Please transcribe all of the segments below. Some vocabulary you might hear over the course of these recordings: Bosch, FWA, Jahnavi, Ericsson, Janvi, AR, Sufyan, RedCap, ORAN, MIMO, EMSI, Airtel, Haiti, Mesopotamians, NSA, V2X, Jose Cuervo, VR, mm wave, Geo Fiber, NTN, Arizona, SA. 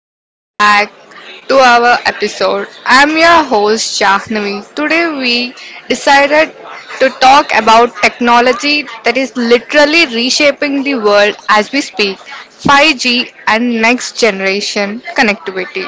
welcome back to our episode. I'm your host Jahnavi. Today we decided to talk about technology that is literally reshaping the world as we speak 5G and next generation connectivity.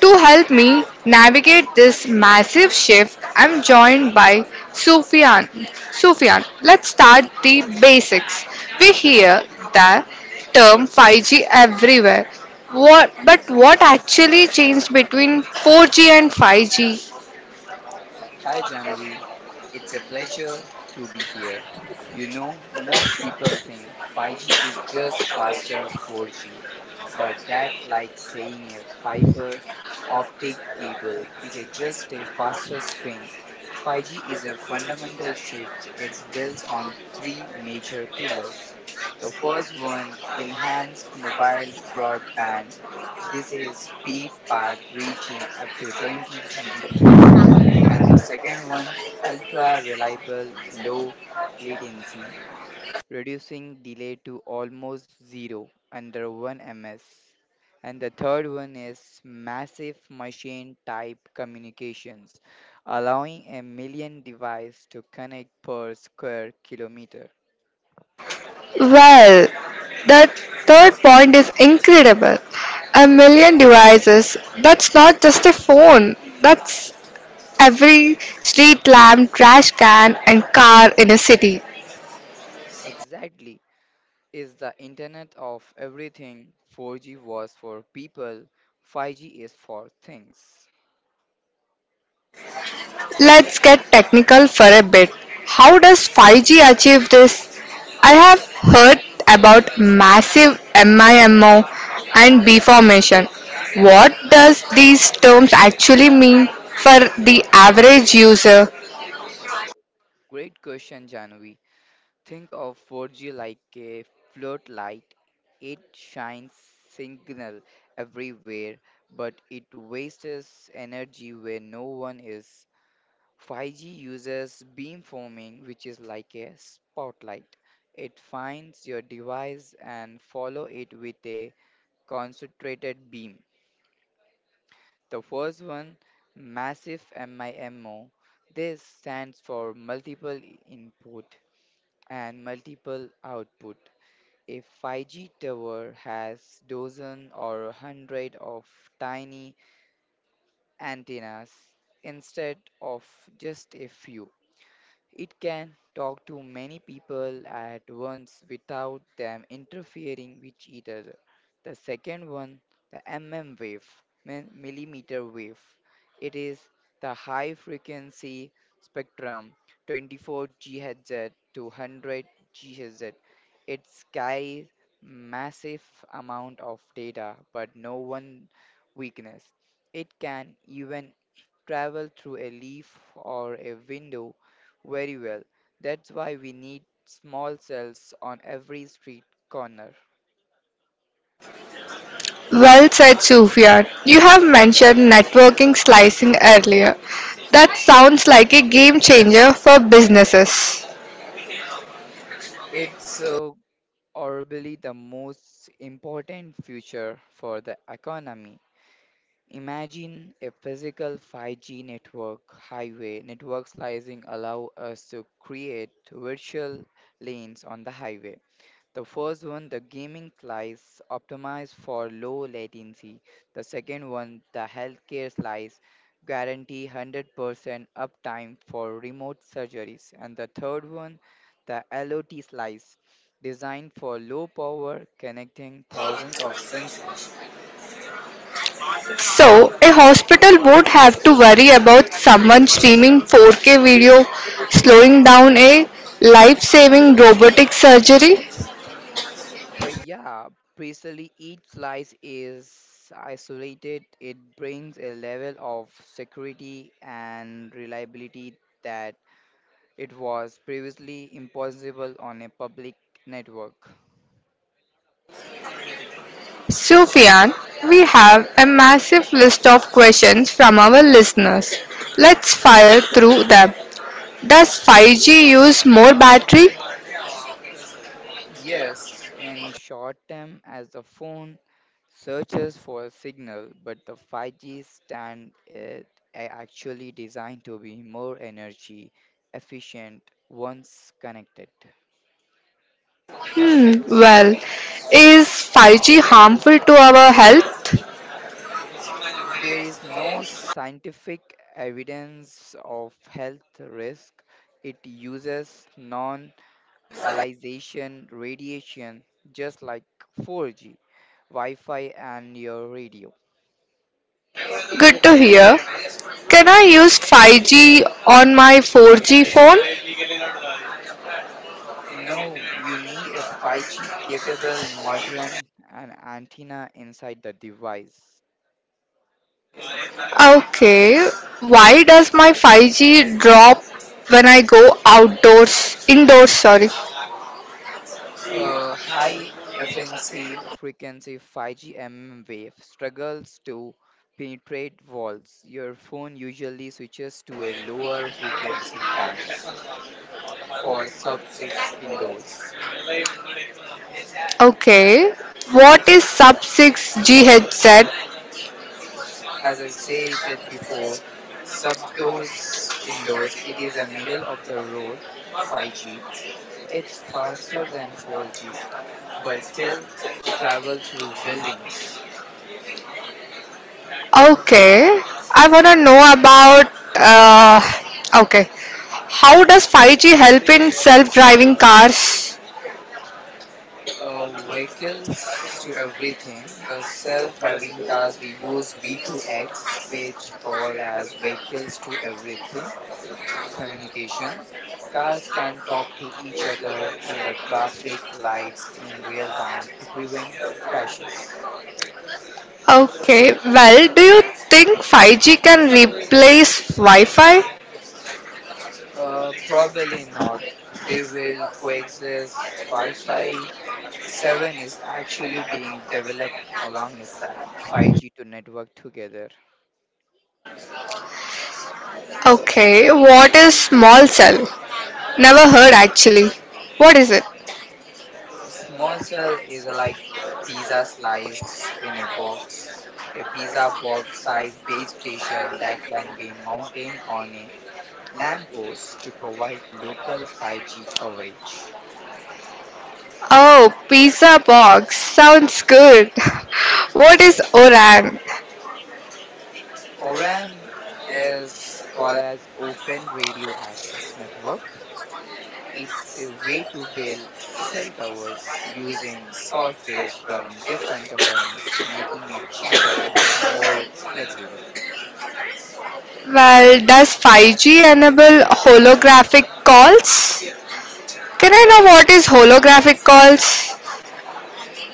To help me navigate this massive shift, I'm joined by Sufyan. Sufyan, let's start the basics. We hear the term 5G everywhere. But what actually changed between 4G and 5G? Hi Janvi, it's a pleasure to be here. You know, most people think 5G is just faster 4G, but that's like saying a fiber optic cable is a just a faster string. 5G is a fundamental shift. It's built on three major pillars. The first one, enhanced mobile broadband. This is speed part reaching up to 20 Gbps. And the second one, ultra reliable low latency, reducing delay to almost zero, under 1 ms. And the third one is massive machine type communications, allowing a million devices to connect per square kilometer. Well, the third point is incredible. A million devices. That's not just a phone. That's every street lamp, trash can, and car in a city. Exactly, is the internet of everything. 4G was for people, 5G is for things. Let's get technical for a bit. How does 5G achieve this? I have heard about massive MIMO and B formation. What does these terms actually mean for the average user? Great question, Janvi. Think of 4G like a floodlight. It shines signal everywhere, but it wastes energy where no one is. 5G uses beamforming, which is like a spotlight. It finds your device and follow it with a concentrated beam. The first one, massive MIMO. This stands for multiple input and multiple output. A 5G tower has dozen or hundred of tiny antennas instead of just a few. It can talk to many people at once without them interfering with each other. The second one, the mm wave, millimeter wave. It is the high frequency spectrum, 24 GHz to 100 GHz. It carries massive amount of data, but no one weakness. It can even travel through a leaf or a window very well. That's why we need small cells on every street corner. Well said, Sufyan. You have mentioned networking slicing earlier. That sounds like a game changer for businesses. It's arguably the most important future for the economy. Imagine a physical 5G network highway. Network slicing allow us to create virtual lanes on the highway. The first one, the gaming slice, optimized for low latency. The second one, the healthcare slice, guarantee 100% uptime for remote surgeries. And the third one, the LOT slice, designed for low power, connecting thousands of sensors. So, a hospital would have to worry about someone streaming 4K video, slowing down a life saving robotic surgery? Yeah, precisely, each slice is isolated. It brings a level of security and reliability that it was previously impossible on a public network. Sufyan, we have a massive list of questions from our listeners. Let's fire through them. Does 5G use more battery? Yes, in short term, as the phone searches for a signal, but the 5G stand is actually designed to be more energy efficient once connected. Hmm, well, is 5G harmful to our health? There is no scientific evidence of health risk. It uses non ionization radiation just like 4G, Wi-Fi, and your radio. Good to hear. Can I use 5G on my 4G phone? No, you need a 5G capable modem and antenna inside the device. Okay, why does my 5G drop when I go outdoors? Indoors, sorry. A high efficiency frequency 5G mm wave struggles to penetrate walls. Your phone usually switches to a lower frequency band for sub 6 indoors. Okay, what is sub 6 G headset? As I said that before, sub doors indoors, it is a middle of the road 5G. It's faster than 4G, but still travel through buildings. Okay, I wanna know about. Uh, okay, how does 5G help in self driving cars? Vehicles to everything. The self-driving cars we use V2X, which call as vehicles to everything communications. Cars can talk to each other and the traffic lights in real time to prevent crashes. Okay, well, do you think 5G can replace Wi Fi? Probably not. They will coexist. Wi-Fi 7 is actually being developed alongside 5G to network together. Okay, what is small cell? Never heard actually. What is it? Small cell is a like pizza slice in a box, a pizza box size base station that can be mounted on a lamppost to provide local 5G coverage. Oh, pizza box. Sounds good. What is ORAN? ORAN is called as Open Radio Access Network. It's a way to build cell towers using softwares from different companies, making it cheaper and more flexible. Well, does 5G enable holographic calls? Can I know what is holographic calls?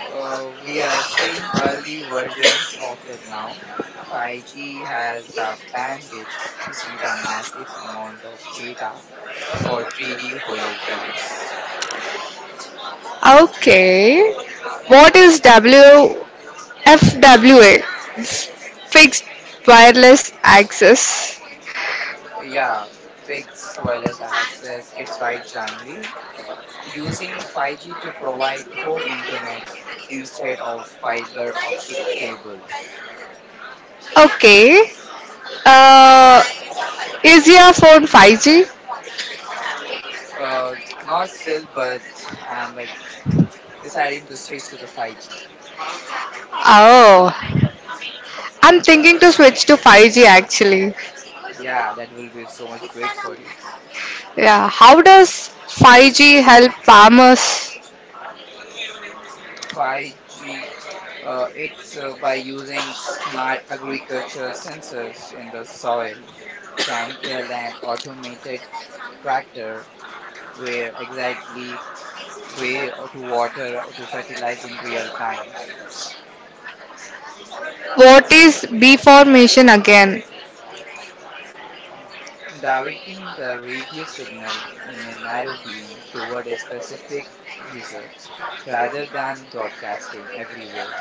We are seeing early versions of it now. 5G has the bandwidth to see the massive amount of data for 3D holograms. Okay. What is WFWA? Fixed wireless access. Yeah, fixed wireless access. It's right, Janvi. Using 5G to provide home internet instead of fiber optic cables. Okay. Uh, is your phone 5G? Not still, but I'm like deciding to switch to the 5G. Oh, I'm thinking to switch to 5G actually. Yeah, that will be so much great for you. Yeah, how does 5G help farmers? 5G, it's by using smart agriculture sensors in the soil, can tell an automated tractor where exactly, where or to water or to fertilize in real time. What is B formation again? Directing the radio signal in a narrow beam toward a specific user rather than broadcasting everywhere.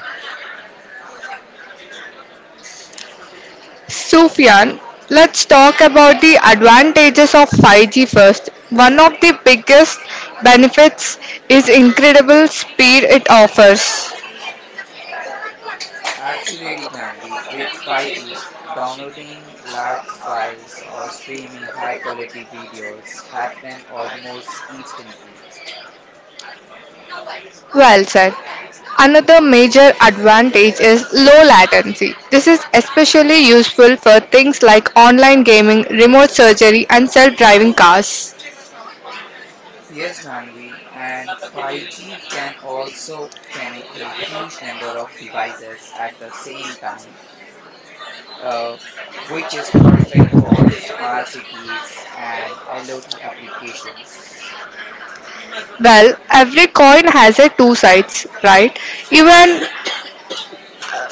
Sufyan, let's talk about the advantages of 5G first. One of the biggest benefits is incredible speed it offers. Absolutely, Janvi. With 5G, downloading large files or streaming high quality videos happen almost instantly. Well said. Another major advantage is low latency. This is especially useful for things like online gaming, remote surgery, and self driving cars. Yes, Janvi, and 5G can also connect a huge number of devices at the same time, uh, which is perfect for small cities and LOT applications. Well, every coin has a two sides, right? Even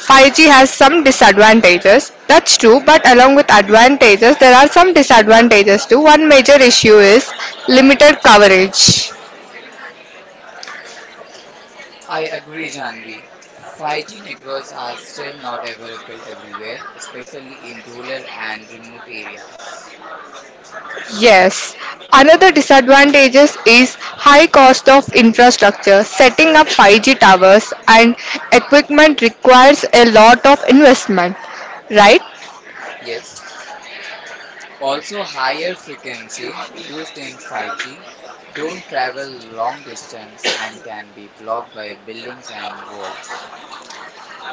5G has some disadvantages. That's true, but along with advantages, there are some disadvantages too. One major issue is limited coverage. I agree, Janvi. 5G networks are still not available everywhere, especially in rural and remote areas. Yes. Another disadvantages is high cost of infrastructure. Setting up 5G towers and equipment requires a lot of investment, right? Yes. Also, higher frequency used in 5G don't travel long distance and can be blocked by buildings and walls.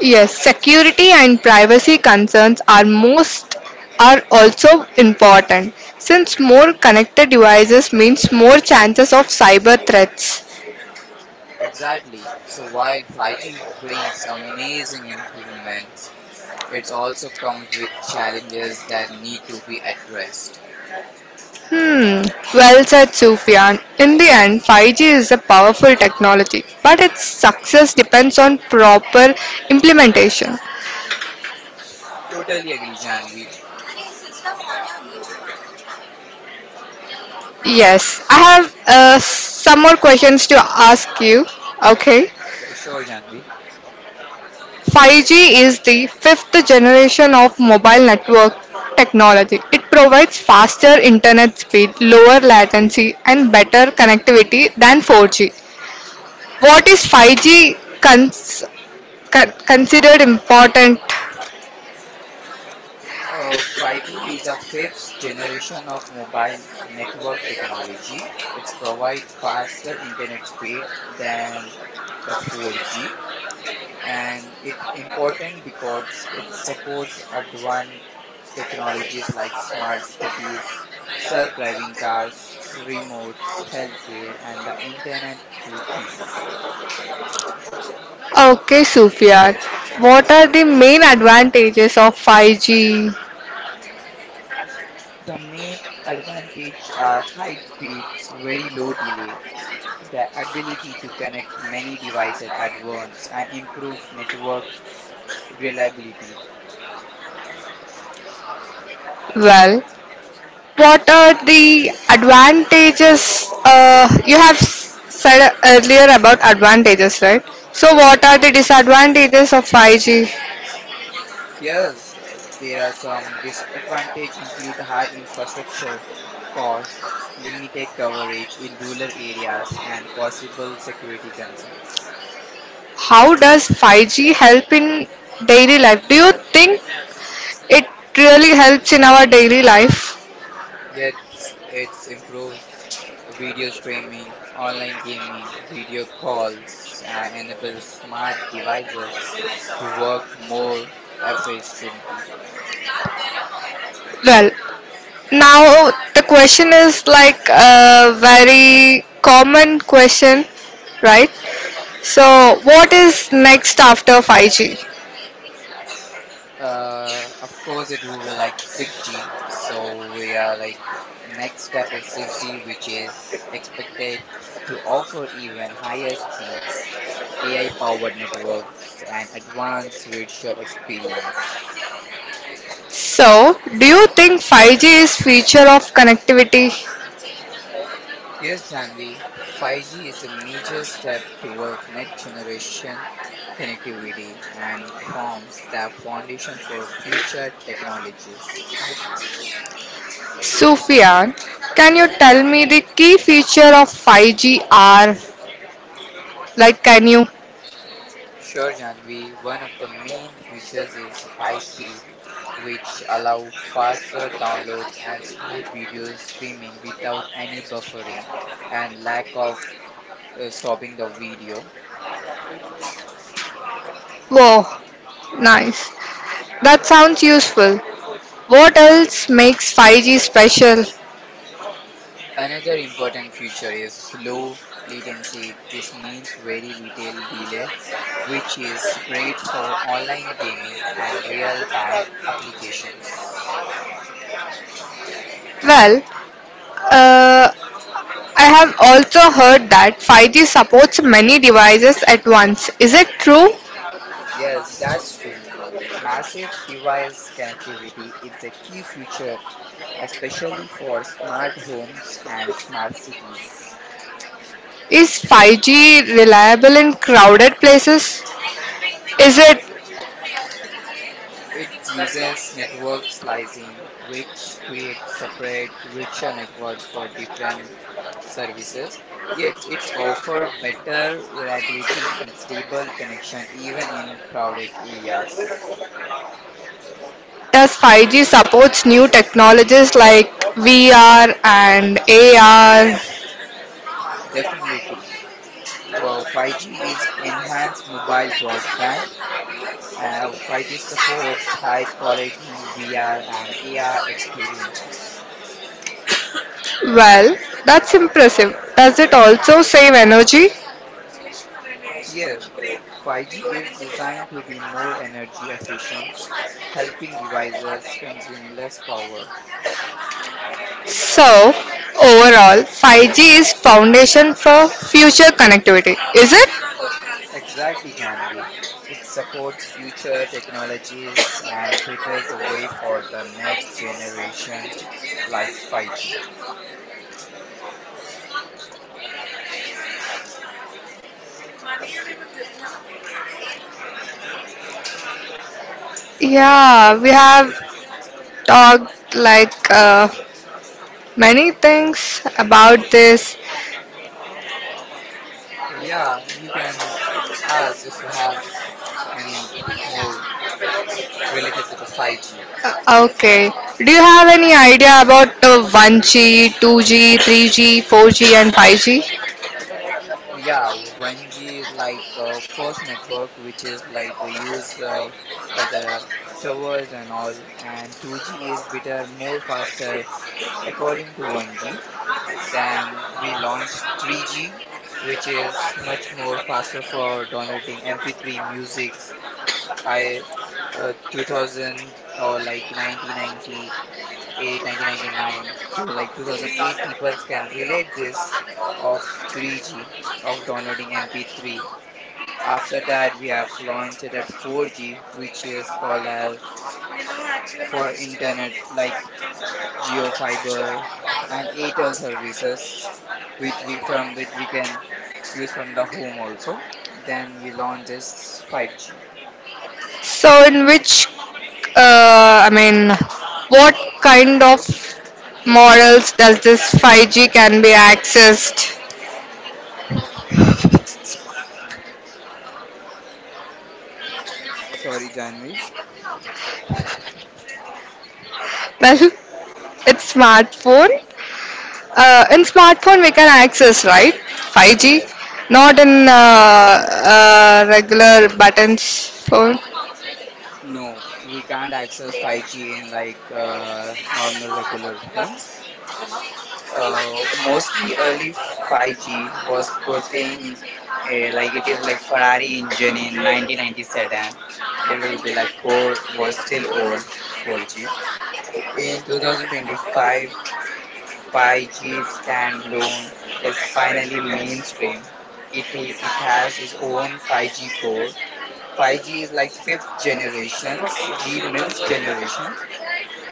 Yes, security and privacy concerns are also important since more connected devices means more chances of cyber threats. Exactly. So while 5G brings amazing improvement, it also comes with challenges that need to be addressed. Hmm, well said Sufyan. In the end, 5G is a powerful technology, but its success depends on proper implementation. Totally agree, Janvi. Yes, I have some more questions to ask you. Okay. Yeah, sure, Janvi. 5G is the fifth generation of mobile network technology. It provides faster internet speed, lower latency, and better connectivity than 4G. What is 5G considered important? 5G is a fifth generation of mobile network technology. It provides faster internet speed than the 4G, and it's important because it supports advanced technologies like smart cities, self driving cars, remotes, healthcare, and the Internet to Things. Okay, Sufia, what are the main advantages of 5G? The main advantage are high speeds, very low delay, the ability to connect many devices at once, and improve network reliability. Well, what are the advantages? You have said earlier about advantages, right? So, what are the disadvantages of 5G? Yes, there are some disadvantages include high infrastructure costs, limited coverage in rural areas, and possible security concerns. How does 5G help in daily life? Do you think it really helps in our daily life? Yet, it improves video streaming, online gaming, video calls, and enables smart devices to work more efficiently. Well, now the question is like a very common question, right? So, what is next after 5G? Of course, it will be like 6G. So we are like next step is 6G, which is expected to offer even higher speeds, AI-powered networks, and advanced virtual experience. So, do you think 5G is feature of connectivity? Yes, Janvi, 5G is a major step towards next generation connectivity and forms the foundation for future technologies. Sufyan, can you tell me the key feature of 5G are? Like, can you? Sure, Janvi. One of the main features is high speed, which allow faster downloads and smooth video streaming without any buffering and lack of stopping the video. Whoa, nice. That sounds useful. What else makes 5G special? Another important feature is low latency. This means very little delay, which is great for online gaming and real-time applications. Well, uh, I have also heard that 5G supports many devices at once. Is it true? Yes, that's true. Massive device connectivity is a key feature, especially for smart homes and smart cities. Is 5G reliable in crowded places? Is it It uses network slicing, which creates separate virtual networks for different services. Yet, it's offer better reliability and stable connection even in crowded areas. Thus, 5G supports new technologies like VR and AR. Definitely, 5G is enhanced mobile broadband. 5G supports high quality VR and AR experiences. Well, that's impressive. Does it also save energy? Yes, 5G is designed to be more energy efficient, helping devices consume less power. So, overall, 5G is foundation for future connectivity, is it? Exactly, Janvi. It supports future technologies and prepares the way for the next generations like 5G. Yeah, we have talked many things about this. Yeah, you can ask if you have any more related to the 5G. Okay, do you have any idea about the 1G, 2G, 3G, 4G, and 5G? Yeah, 1G is like first network, which is like used by the towers and all, and 2G is better, more faster according to 1G. Then we launched 3G, which is much more faster for downloading MP3 musics. I 2000 or like 1998, 1999 to like 2008, people can relate this of 3G of downloading MP3. After that, we have launched it at 4G, which is called as for internet like Geo Fiber and Airtel services, which we from which we can use from the home also. Then we launched this 5G. So, in which, I mean, what kind of models does this 5G can be accessed? Sorry, Janvi. Well, it's smartphone. In smartphone, we can access, right? 5G, Yeah. not in regular buttons phone. No, we can't access 5G in like normal regular phones. Mostly early 5G was putting a, like it is like Ferrari engine in 1990 sedan. It will be like core was still old 4G. In 2025, 5G standalone is finally mainstream. It has its own 5G core. 5G is like fifth generations. G means generation.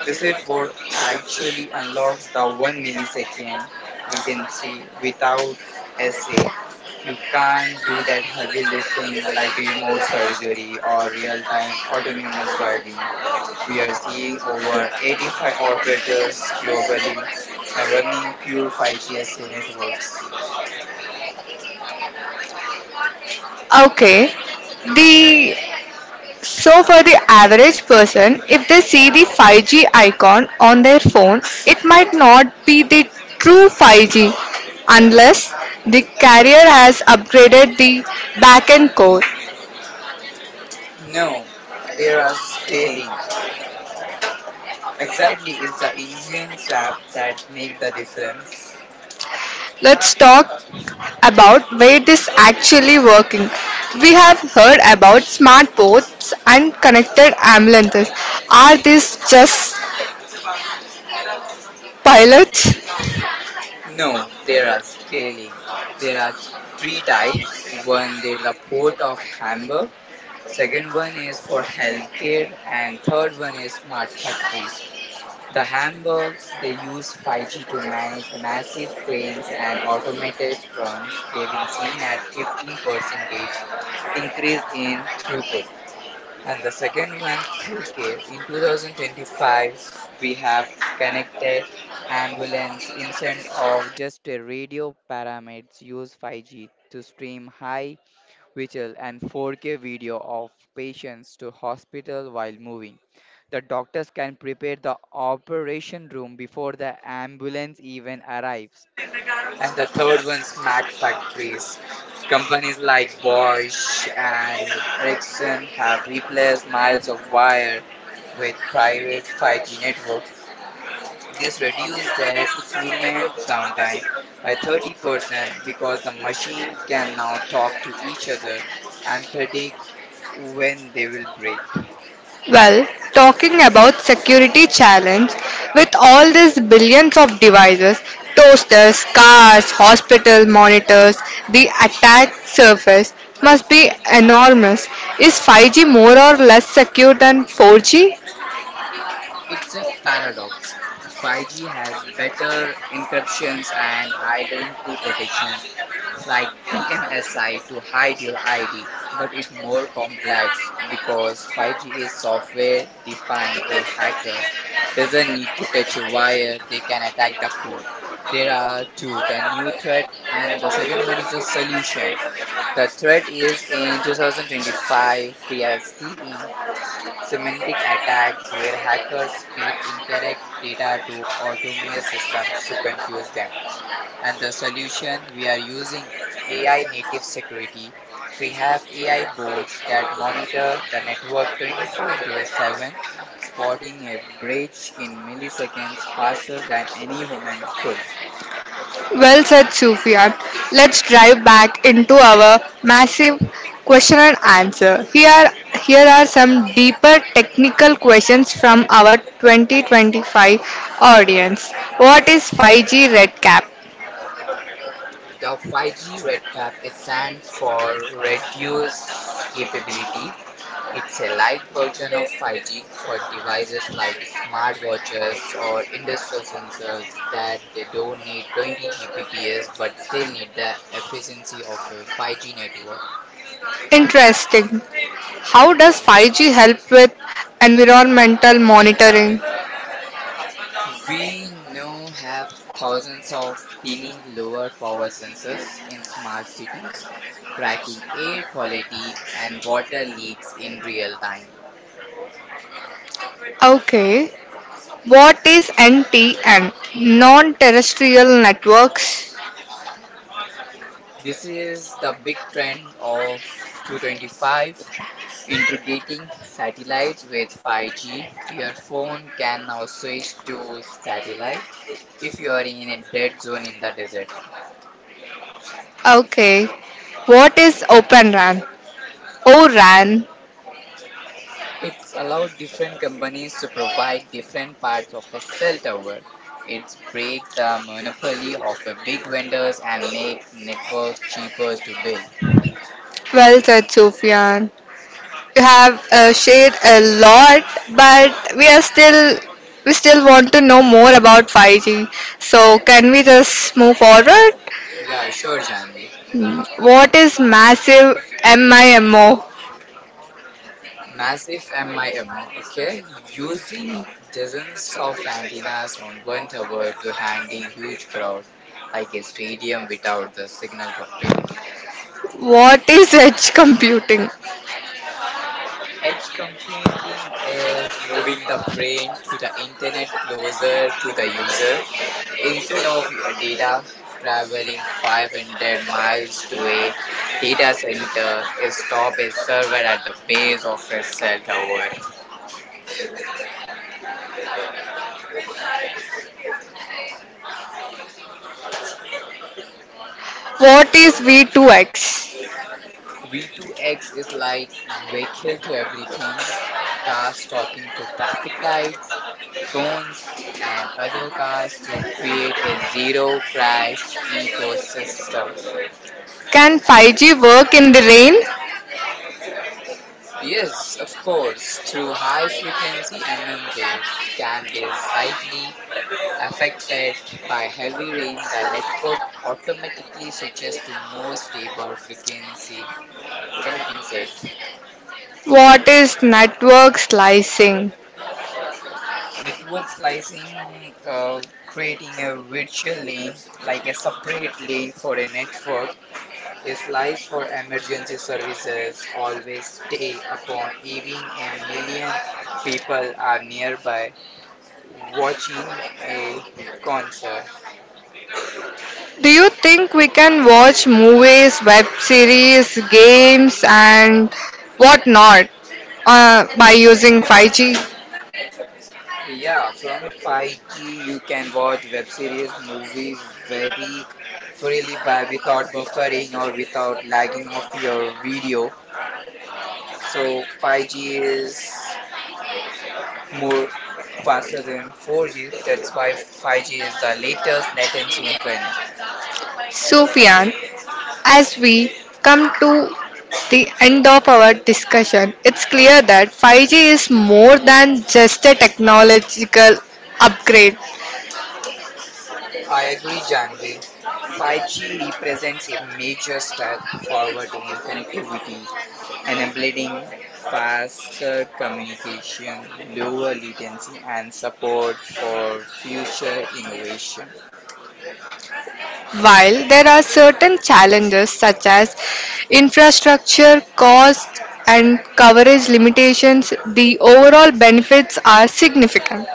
This it what actually unlocks the 1 millisecond latency without SA. You can't do that heavy lifting like remote surgery or real time autonomous driving. We are seeing over 85 operators globally now running pure 5G SA networks. Okay. The So, for the average person, if they see the 5G icon on their phone, it might not be the true 5G unless the carrier has upgraded the backend core. No, there are scaling. Exactly is the engine step that make the difference. Let's talk about where this actually working. We have heard about smart ports and connected ambulances. Are these just pilots? No, there are scaling. There are three types. One, there is a port of Hamburg. Second one is for healthcare, and third one is smart factories. The Hamburgs they use 5G to manage massive cranes and automated runs. They've been seen at 15% increase in throughput. And the second one, healthcare. In 2025, we have connected ambulance instead of just a radio, paramedics use 5G to stream high visual and 4K video of patients to hospital while moving. The doctors can prepare the operation room before the ambulance even arrives. And the third one, smack factories. Companies like Bosch and Ericsson have replaced miles of wire with private 5G networks. This reduced their equipment's downtime by 30% because the machine can now talk to each other and predict when they will break. Well, talking about security challenge, with all these billions of devices, toasters, cars, hospital monitors, the attack surface must be enormous. Is 5G more or less secure than 4G? It's a paradox. 5G has better encryptions and identity protection like EMSI to hide your ID, but it's more complex because 5G is software defined. A hacker doesn't need to touch a wire, they can attack the code. There are two the new threat, and the second one is the solution. The threat is in 2025, we are seeing semantic attacks where hackers feed incorrect data to autonomous systems to confuse them. And the solution we are using AI native security. We have AI boards that monitor the network 24 into 7, spotting a breach in milliseconds faster than any human could. Well said, Sufyan. Let's drive back into our massive question and answer. Here are some deeper technical questions from our 2025 audience. What is 5G RedCap? The 5G RedCap is stands for reduced capability. It's a light version of fight for devices like smartwatches or industrial sensors that they don't need 20 Gbps but still need the efficiency of a 5G network. Interesting. How does 5G help with environmental monitoring? We now have thousands of tiny, lower power sensors in smart cities tracking air quality and water leaks in real time. Okay. What is NTN? Non terrestrial networks. This is the big trend of 2025. Integrating satellites with 5G, your phone can now switch to satellite if you are in a dead zone in the desert. Okay. What is Open RAN? ORAN. It's allowed different companies to provide different parts of a cell tower. It's break the monopoly of the big vendors and make networks cheaper to build. Well said, Sufyan. You have shared a lot, but we still want to know more about 5G. So can we just move forward? Yeah, sure, Janvi. What is massive MIMO? Massive MIM, okay, using dozens of antennas on one tower to handle huge crowds like a stadium without the signal dropping. What is edge computing? Edge computing is moving the brain to the internet closer to the user instead of your data traveling 500 miles to a data center, stop a server at the base of a cell tower. What is V2X? V2X is like vehicle to everything, cars talking to traffic lights, phones, and other cars to create a zero crash ecosystem. Can 5G work in the rain? Yes, of course, through high frequency MM waves can be slightly affected by heavy rain, the network automatically switches to more stable frequency compensate. What is network slicing? Network slicing, creating a virtual lane, like a separate lane for a network, a slice for emergency services, always stay upon, even a million people are nearby watching a concert. Do you think we can watch movies, web series, games, and whatnot by using 5G? Yeah, from 5G you can watch web series, movie very freely by without buffering or without lagging of your video. So 5G is more faster than 4G. That's why 5G is the latest latency in trend. Sufyan, as we come to the end of our discussion, it's clear that 5G is more than just a technological upgrade. I agree, Janvi. 5G represents a major step forward in connectivity, enabling faster communication, lower latency, and support for future innovation. While there are certain challenges such as infrastructure, cost, and coverage limitations, the overall benefits are significant.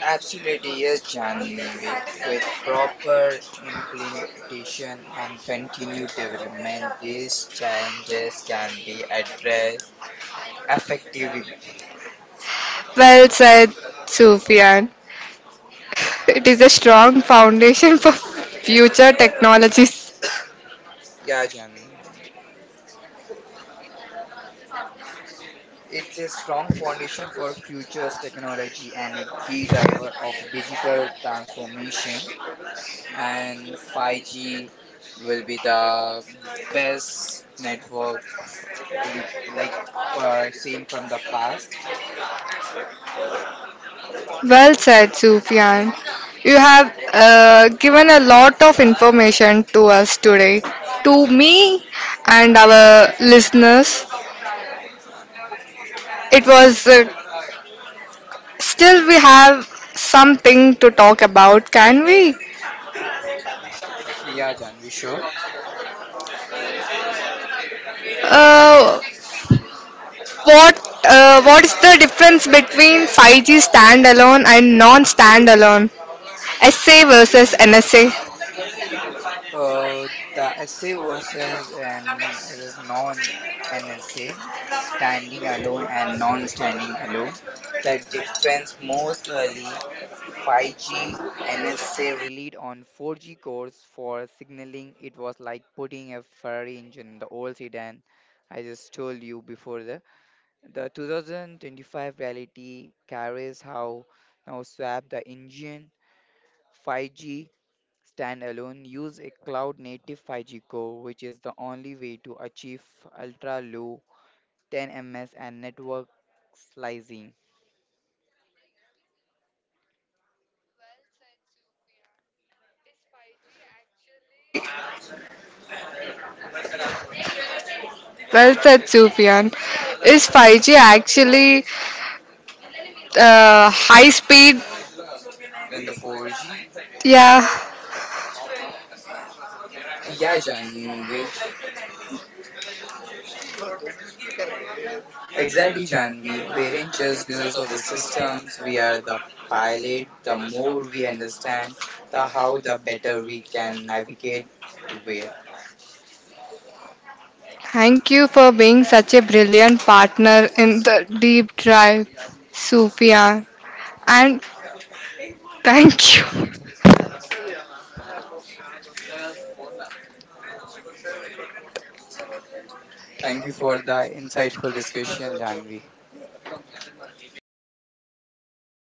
Absolutely, yes, Janvi. With proper implementation and continued development, these challenges can be addressed effectively. Well said, Sufyan. It is a strong foundation for future technologies. Yeah, Jan. It's a strong foundation for futures technology and a key driver of digital transformation. And 5G will be the best network, uh, re- like seeing from the past. Well said, Sufyan. You have given a lot of information to us today, to me and our listeners. It was still, we have something to talk about, can we? Yeah, Jan, we sure? Uh, What is the difference between 5G standalone and non-standalone? SA versus NSA. Uh, the essay versus an as non an essay, standing alone and non-standing alone. The difference most early 5G NSA relied on 4G cores for signaling. It was like putting a Ferrari engine in the old sedan. I just told you before the 2025 reality carries how now swap the engine 5G Standalone, use a cloud native 5G core, which is the only way to achieve ultra low 10 ms and network slicing. Very Well said, Sufyan. Is 5G actually high speed? Then the 4G, Yeah. eh, yeah, Janvi, exactly, Janvi. We aren't just users of the systems, we are the pilot. The more we understand the how, the better we can navigate the where. Thank you for being such a brilliant partner in the deep drive, Sufyan. And thank you Thank you for the insightful discussion, Janvi.